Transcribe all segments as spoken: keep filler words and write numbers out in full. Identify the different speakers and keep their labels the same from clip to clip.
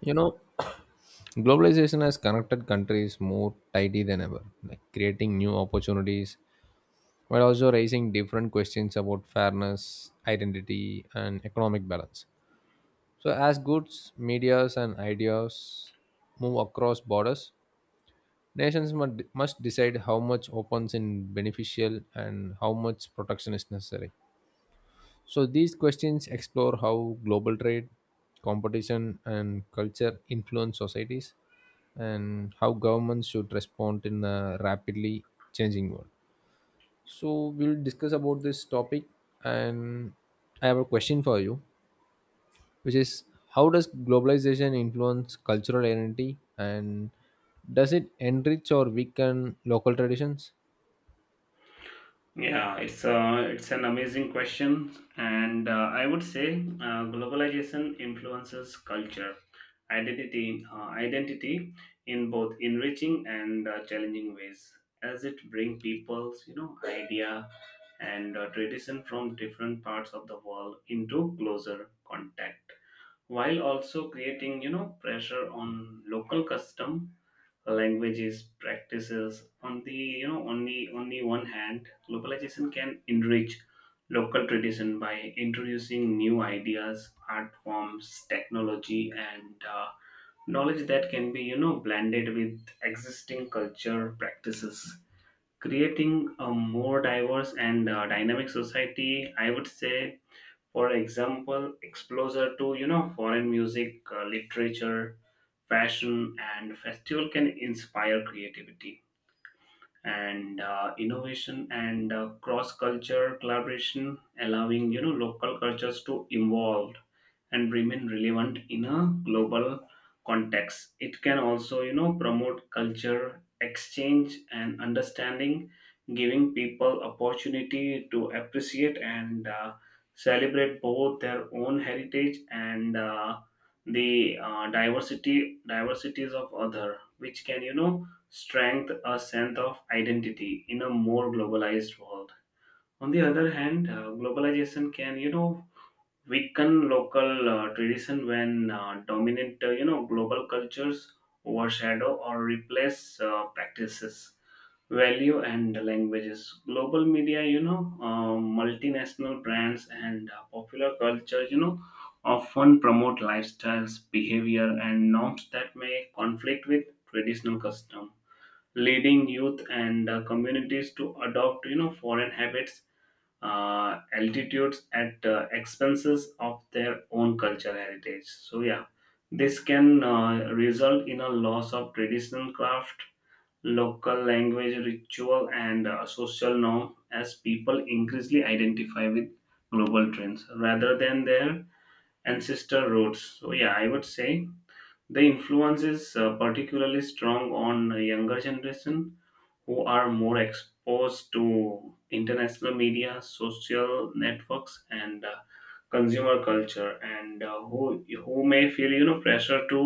Speaker 1: You know, globalization has connected countries more tightly than ever, like creating new opportunities while also raising different questions about fairness, identity, and economic balance. So, as goods, medias, and ideas move across borders, nations must, must decide how much opens in beneficial and how much protection is necessary. So these questions explore how global trade, competition, and culture influence societies, and how governments should respond in a rapidly changing world. So we'll discuss about this topic, and I have a question for you, which is, how does globalization influence cultural identity, and does it enrich or weaken local traditions?
Speaker 2: Yeah, it's a, it's an amazing question, and uh, I would say uh, globalization influences culture, identity, uh, identity in both enriching and uh, challenging ways, as it brings people's you know idea and uh, tradition from different parts of the world into closer contact, while also creating you know pressure on local custom languages practices on the you know on the on the one hand, globalization can enrich local tradition by introducing new ideas, art forms, technology, and uh, knowledge that can be you know blended with existing culture practices, creating a more diverse and uh, dynamic society, I would say. For example, exposure to you know foreign music, uh, literature, fashion, and festival can inspire creativity and uh, innovation and uh, cross-culture collaboration, allowing you know local cultures to evolve and remain relevant in a global context. It can also you know promote culture exchange and understanding, giving people opportunity to appreciate and uh, celebrate both their own heritage and uh, the uh, diversity diversities of other, which can you know strength a sense of identity in a more globalized world. On the other hand, uh, globalization can, you know, weaken local uh, tradition when uh, dominant, uh, you know, global cultures overshadow or replace uh, practices, value, and languages. Global media, you know, uh, multinational brands and uh, popular culture, you know, often promote lifestyles, behavior, and norms that may conflict with traditional custom, leading youth and uh, communities to adopt you know foreign habits, uh, altitudes at uh, expenses of their own cultural heritage. So yeah, this can uh, result in a loss of traditional craft, local language, ritual, and uh, social norm, as people increasingly identify with global trends rather than their ancestor roots. So yeah, I would say the influence is uh, particularly strong on uh, younger generation, who are more exposed to international media, social networks, and uh, consumer culture, and uh, who who may feel you know pressure to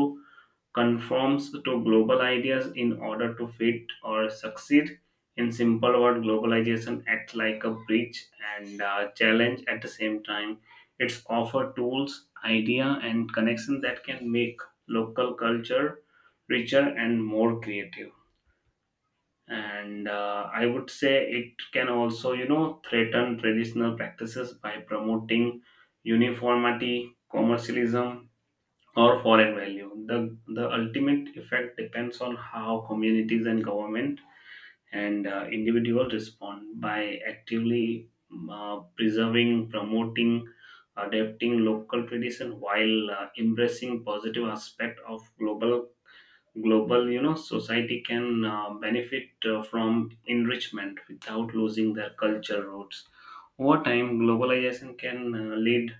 Speaker 2: conform to global ideas in order to fit or succeed. In simple word, globalization acts like a bridge and uh, challenge at the same time. It's offer tools, idea, and connection that can make local culture richer and more creative, and uh, I would say it can also you know threaten traditional practices by promoting uniformity, commercialism, or foreign value. The the ultimate effect depends on how communities and government and uh, individuals respond. By actively uh, preserving, promoting, adapting local tradition while uh, embracing positive aspect of global, global you know society can uh, benefit uh, from enrichment without losing their culture roots. Over time, globalization can uh, lead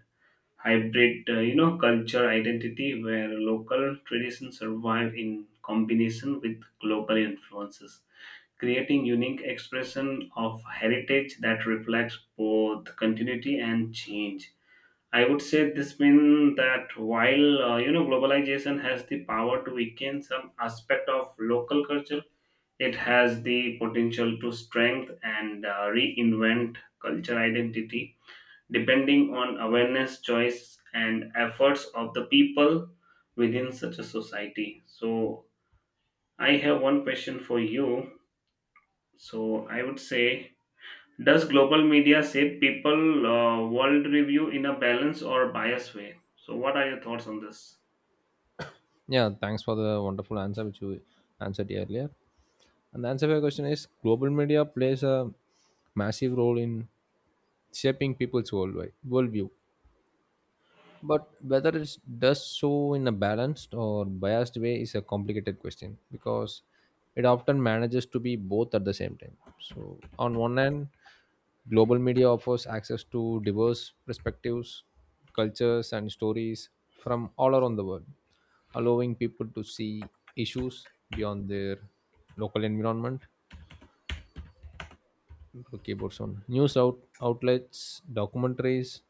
Speaker 2: hybrid uh, you know culture identity where local traditions survive in combination with global influences, creating unique expression of heritage that reflects both continuity and change. I would say this means that while uh, you know globalization has the power to weaken some aspect of local culture, it has the potential to strengthen and uh, reinvent culture identity depending on awareness, choice, and efforts of the people within such a society. So I have one question for you. So I would say, does global media shape people uh, world review in a balanced or biased way? So, what are your thoughts on this?
Speaker 1: Yeah, thanks for the wonderful answer which you answered earlier. And the answer to your question is global media plays a massive role in shaping people's worldwide worldview. But whether it does so in a balanced or biased way is a complicated question because it often manages to be both at the same time. So on one hand, global media offers access to diverse perspectives, cultures and stories from all around the world, allowing people to see issues beyond their local environment keyboards on news out, outlets, documentaries,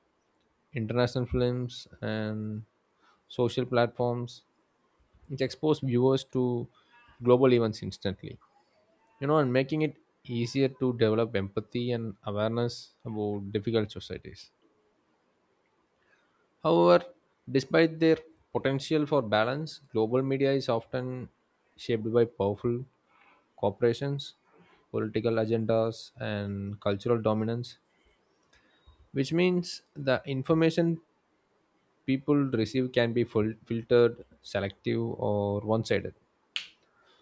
Speaker 1: international films, and social platforms, which expose viewers to global events instantly. You know, and making it easier to develop empathy and awareness about difficult societies. However, despite their potential for balance, global media is often shaped by powerful corporations, political agendas, and cultural dominance, which means the information people receive can be fil- filtered selective or one-sided.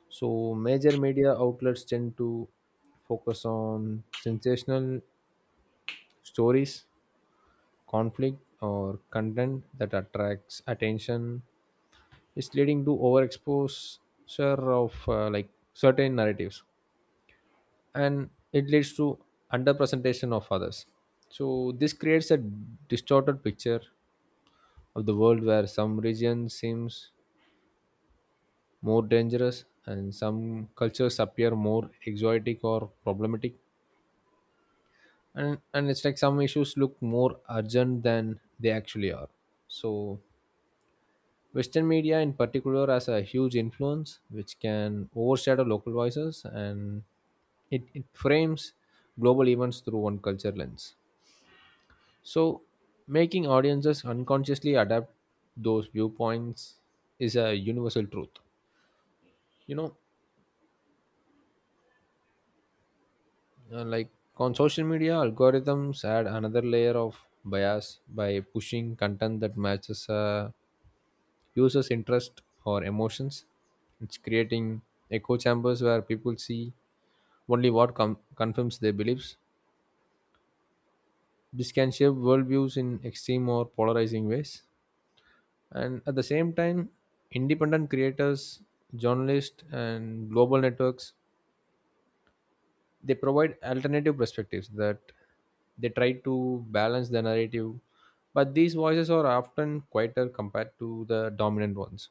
Speaker 1: So major media outlets tend to focus on sensational stories conflict or content that attracts attention is leading to overexposure of uh, like certain narratives, and it leads to underrepresentation of others. So this creates a distorted picture of the world where some regions seems more dangerous and some cultures appear more exotic or problematic, and and it's like some issues look more urgent than they actually are. So western media in particular has a huge influence which can overshadow local voices, and it, it frames global events through one culture lens, so making audiences unconsciously adapt those viewpoints is a universal truth, you know. Uh, like on social media, algorithms add another layer of bias by pushing content that matches uh, users' interest or emotions. It's creating echo chambers where people see only what com- confirms their beliefs. This can shape worldviews in extreme or polarizing ways. And at the same time, independent creators, journalists, and global networks, they provide alternative perspectives that they try to balance the narrative, but these voices are often quieter compared to the dominant ones.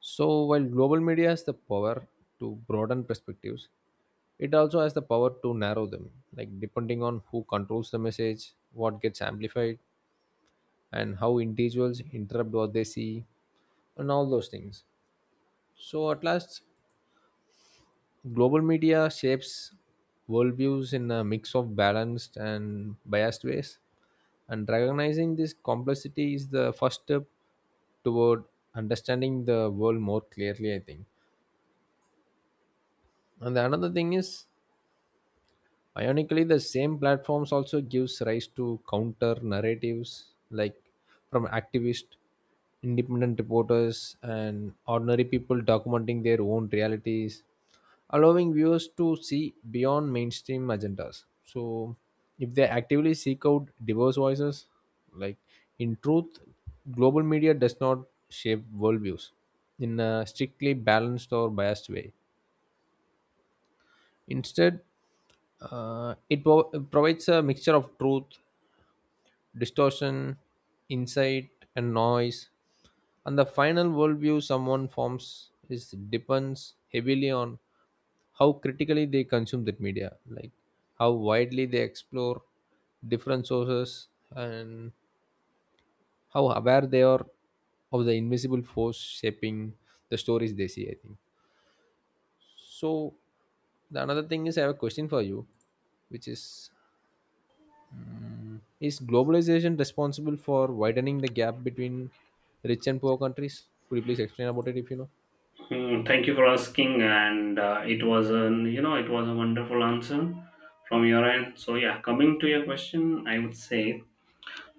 Speaker 1: So while global media has the power to broaden perspectives, it also has the power to narrow them, like depending on who controls the message, what gets amplified, and how individuals interrupt what they see, and all those things. So at last, global media shapes worldviews in a mix of balanced and biased ways, and recognizing this complexity is the first step toward understanding the world more clearly, I think. And the another thing is, ironically, the same platforms also gives rise to counter narratives like from activists, independent reporters, and ordinary people documenting their own realities, allowing viewers to see beyond mainstream agendas. So, if they actively seek out diverse voices, like in truth, global media does not shape worldviews in a strictly balanced or biased way. Instead, uh, it pro- provides a mixture of truth, distortion, insight, and noise. And the final worldview someone forms is depends heavily on how critically they consume that media, like how widely they explore different sources, and how aware they are of the invisible force shaping the stories they see. I think so. The another thing is, I have a question for you, which is Is globalization responsible for widening the gap between rich and poor countries? Could you please explain about it if you know?
Speaker 2: Hmm, thank you for asking, and uh, it was an you know it was a wonderful answer from your end. So yeah, coming to your question, I would say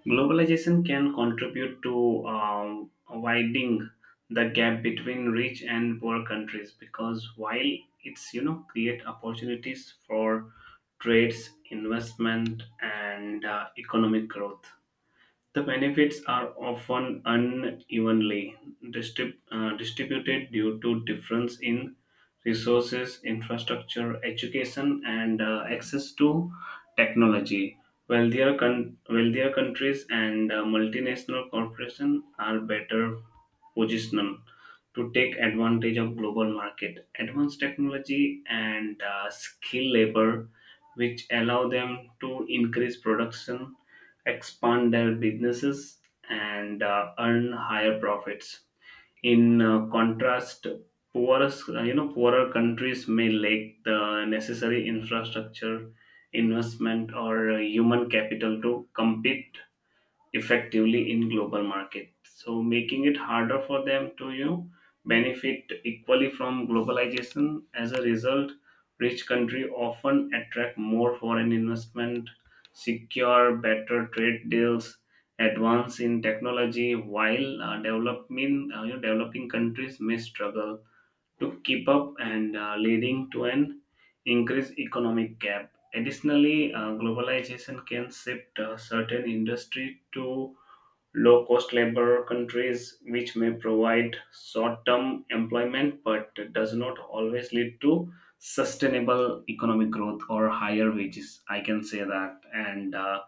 Speaker 2: globalization can contribute to um, widening the gap between rich and poor countries, because while it's you know create opportunities for trades, investment, and uh, economic growth, the benefits are often unevenly distrib- uh, distributed due to difference in resources, infrastructure, education, and uh, access to technology. Wealthier, con- wealthier countries and uh, multinational corporations are better position to take advantage of global market, advanced technology, and uh, skilled labor, which allow them to increase production, expand their businesses, and uh, earn higher profits. In uh, contrast, poorer you know poorer countries may lack the necessary infrastructure, investment, or uh, human capital to compete effectively in global market, so making it harder for them to you know benefit equally from globalization. As a result, rich country often attract more foreign investment, secure better trade deals, advance in technology, while uh, developing uh, you know, developing countries may struggle to keep up, and uh, leading to an increased economic gap. Additionally, uh, globalization can shift uh, certain industry to low cost labor countries, which may provide short term employment but does not always lead to sustainable economic growth or higher wages. I can say that. And uh,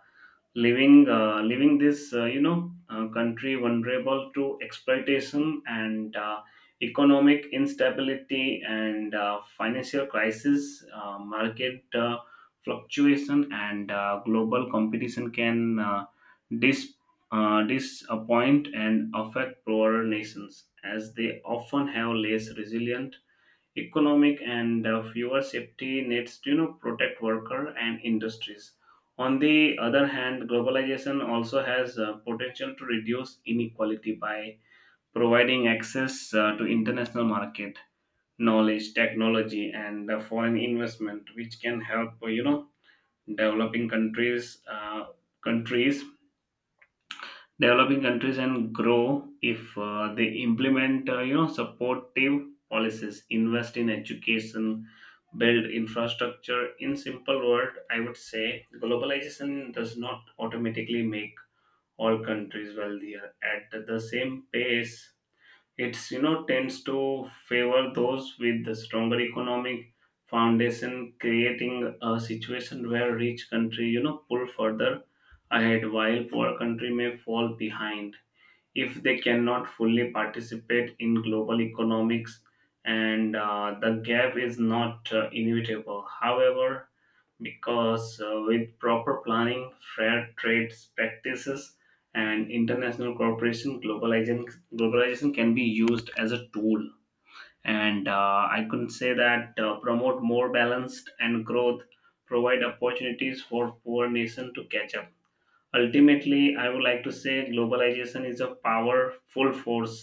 Speaker 2: leaving uh, leaving this uh, you know uh, country vulnerable to exploitation and uh, economic instability, and uh, financial crisis, uh, market uh, fluctuation, and uh, global competition can uh, dis- uh, disappoint and affect poorer nations, as they often have less resilient economic and uh, fewer safety nets to you know protect worker and industries. On the other hand, globalization also has uh, potential to reduce inequality by providing access uh, to international market, knowledge, technology, and uh, foreign investment, which can help uh, you know developing countries uh, countries developing countries and grow if uh, they implement uh, you know supportive policies, invest in education, build infrastructure. In simple word, I would say globalization does not automatically make all countries wealthier at the same pace. It's you know tends to favor those with the stronger economic foundation, creating a situation where rich country you know pull further ahead while poor country may fall behind if they cannot fully participate in global economics. And uh, the gap is not uh, inevitable, however, because uh, with proper planning, fair trade practices, and international cooperation, globalization globalization can be used as a tool, and uh, I could say that uh, promote more balanced and growth, provide opportunities for poor nation to catch up. Ultimately, I would like to say globalization is a powerful force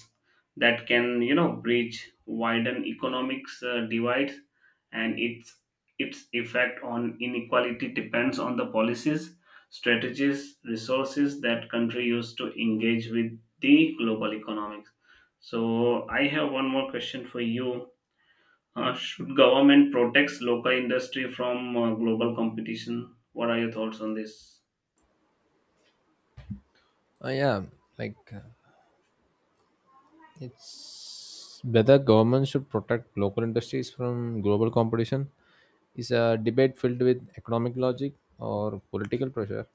Speaker 2: that can you know bridge widen economics uh, divides, and its its effect on inequality depends on the policies, strategies, resources that country use to engage with the global economics. So I have one more question for you. Uh, should government protects local industry from uh, global competition? What are your thoughts on this?
Speaker 1: I am like, uh, it's whether government should protect local industries from global competition is a debate filled with economic logic or political pressure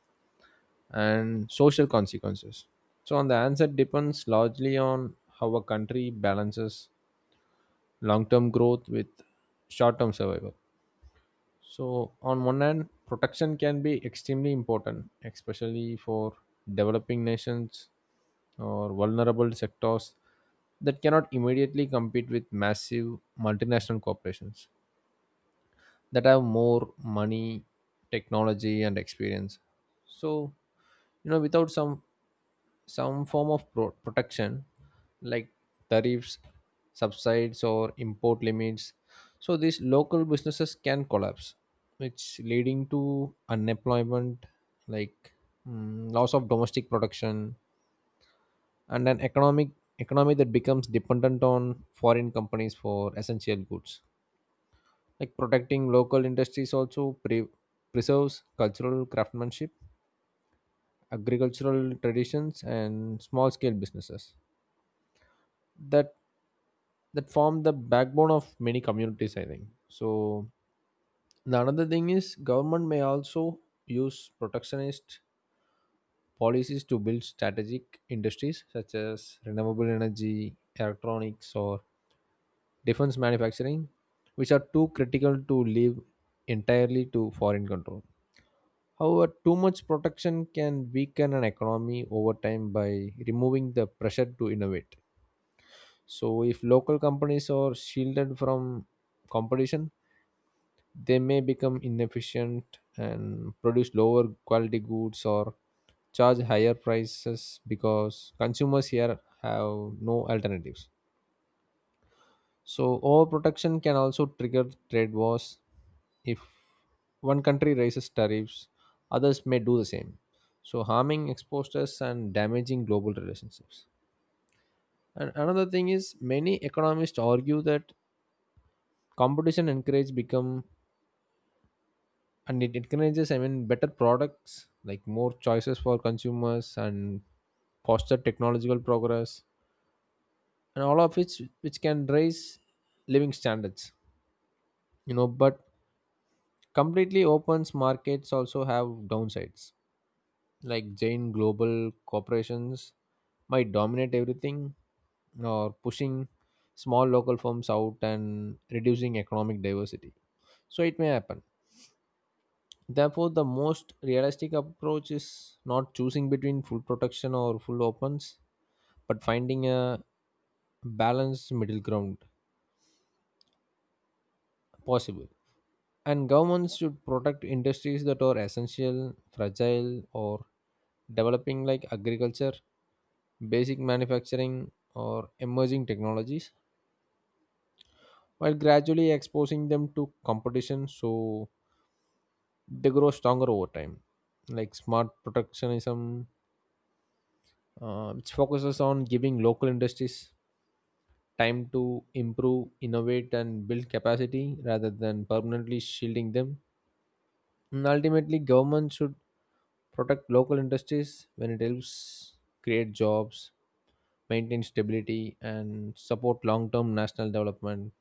Speaker 1: and social consequences. So on the answer depends largely on how a country balances long-term growth with short-term survival. So, on one hand, protection can be extremely important, especially for developing nations or vulnerable sectors that cannot immediately compete with massive multinational corporations that have more money, technology, and experience. So, you know, without some some form of pro- protection like tariffs, subsides, or import limits, so these local businesses can collapse, which leading to unemployment, like mm, loss of domestic production, and an economic economy that becomes dependent on foreign companies for essential goods. Like protecting local industries also pre- preserves cultural craftsmanship, agricultural traditions, and small scale businesses that that form the backbone of many communities. I think so. The another thing is government may also use protectionist policies to build strategic industries such as renewable energy, electronics, or defense manufacturing, which are too critical to leave entirely to foreign control. However, too much protection can weaken an economy over time by removing the pressure to innovate. So, if local companies are shielded from competition, they may become inefficient and produce lower quality goods or charge higher prices because consumers here have no alternatives. So overprotection can also trigger trade wars. If one country raises tariffs, others may do the same, so harming exporters and damaging global relationships. And another thing is many economists argue that competition encourage become and it encourages, I mean, better products like more choices for consumers and foster technological progress, and all of which which can raise living standards, you know. But completely open markets also have downsides, like giant global corporations might dominate everything, or pushing small local firms out and reducing economic diversity, so it may happen. Therefore, the most realistic approach is not choosing between full protection or full opens, but finding a balanced middle ground possible, and governments should protect industries that are essential fragile or developing like agriculture, basic manufacturing, or emerging technologies, while gradually exposing them to competition so they grow stronger over time. Like smart protectionism, uh, which focuses on giving local industries time to improve, innovate, and build capacity rather than permanently shielding them. And ultimately, government should protect local industries when it helps create jobs, maintain stability, and support long term national development.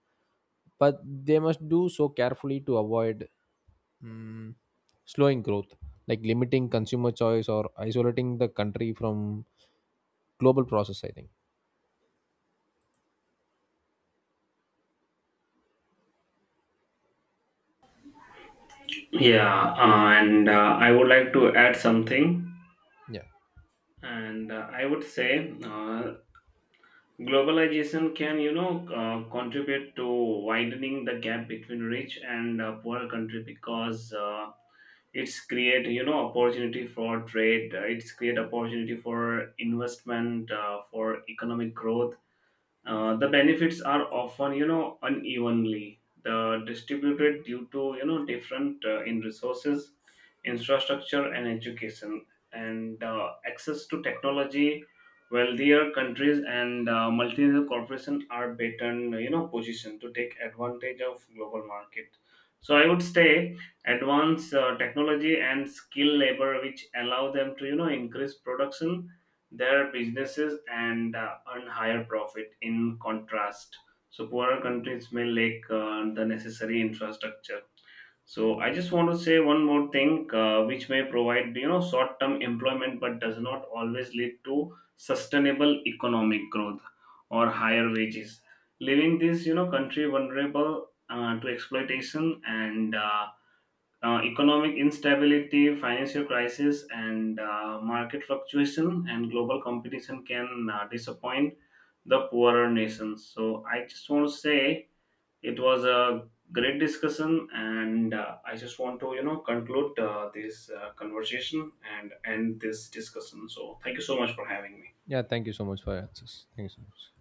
Speaker 1: But they must do so carefully to avoid mm, slowing growth, like limiting consumer choice or isolating the country from global process, I think.
Speaker 2: Yeah, uh, and uh, I would like to add something,
Speaker 1: Yeah.
Speaker 2: and uh, I would say uh, globalization can, you know, uh, contribute to widening the gap between rich and uh, poor country, because uh, it's create, you know, opportunity for trade. uh, It's create opportunity for investment, uh, for economic growth. Uh, the benefits are often you know unevenly the distributed due to you know different uh, in resources, infrastructure, and education, and uh, access to technology. Wealthier countries and uh, multinational corporations are better you know positioned to take advantage of global market. So I would say advanced uh, technology and skilled labor, which allow them to you know increase production, their businesses, and uh, earn higher profit. In contrast, so poorer countries may lack uh, the necessary infrastructure. So I just want to say one more thing, uh, which may provide you know short-term employment, but does not always lead to sustainable economic growth or higher wages, leaving this you know country vulnerable uh, to exploitation and uh, uh, economic instability, financial crisis, and uh, market fluctuation and global competition can uh, disappoint the poorer nations. So I just want to say it was a great discussion, and uh, I just want to you know conclude uh, this uh, conversation and end this discussion. So thank you so much for having me.
Speaker 1: Yeah, thank you so much for your answers. Thank you so much.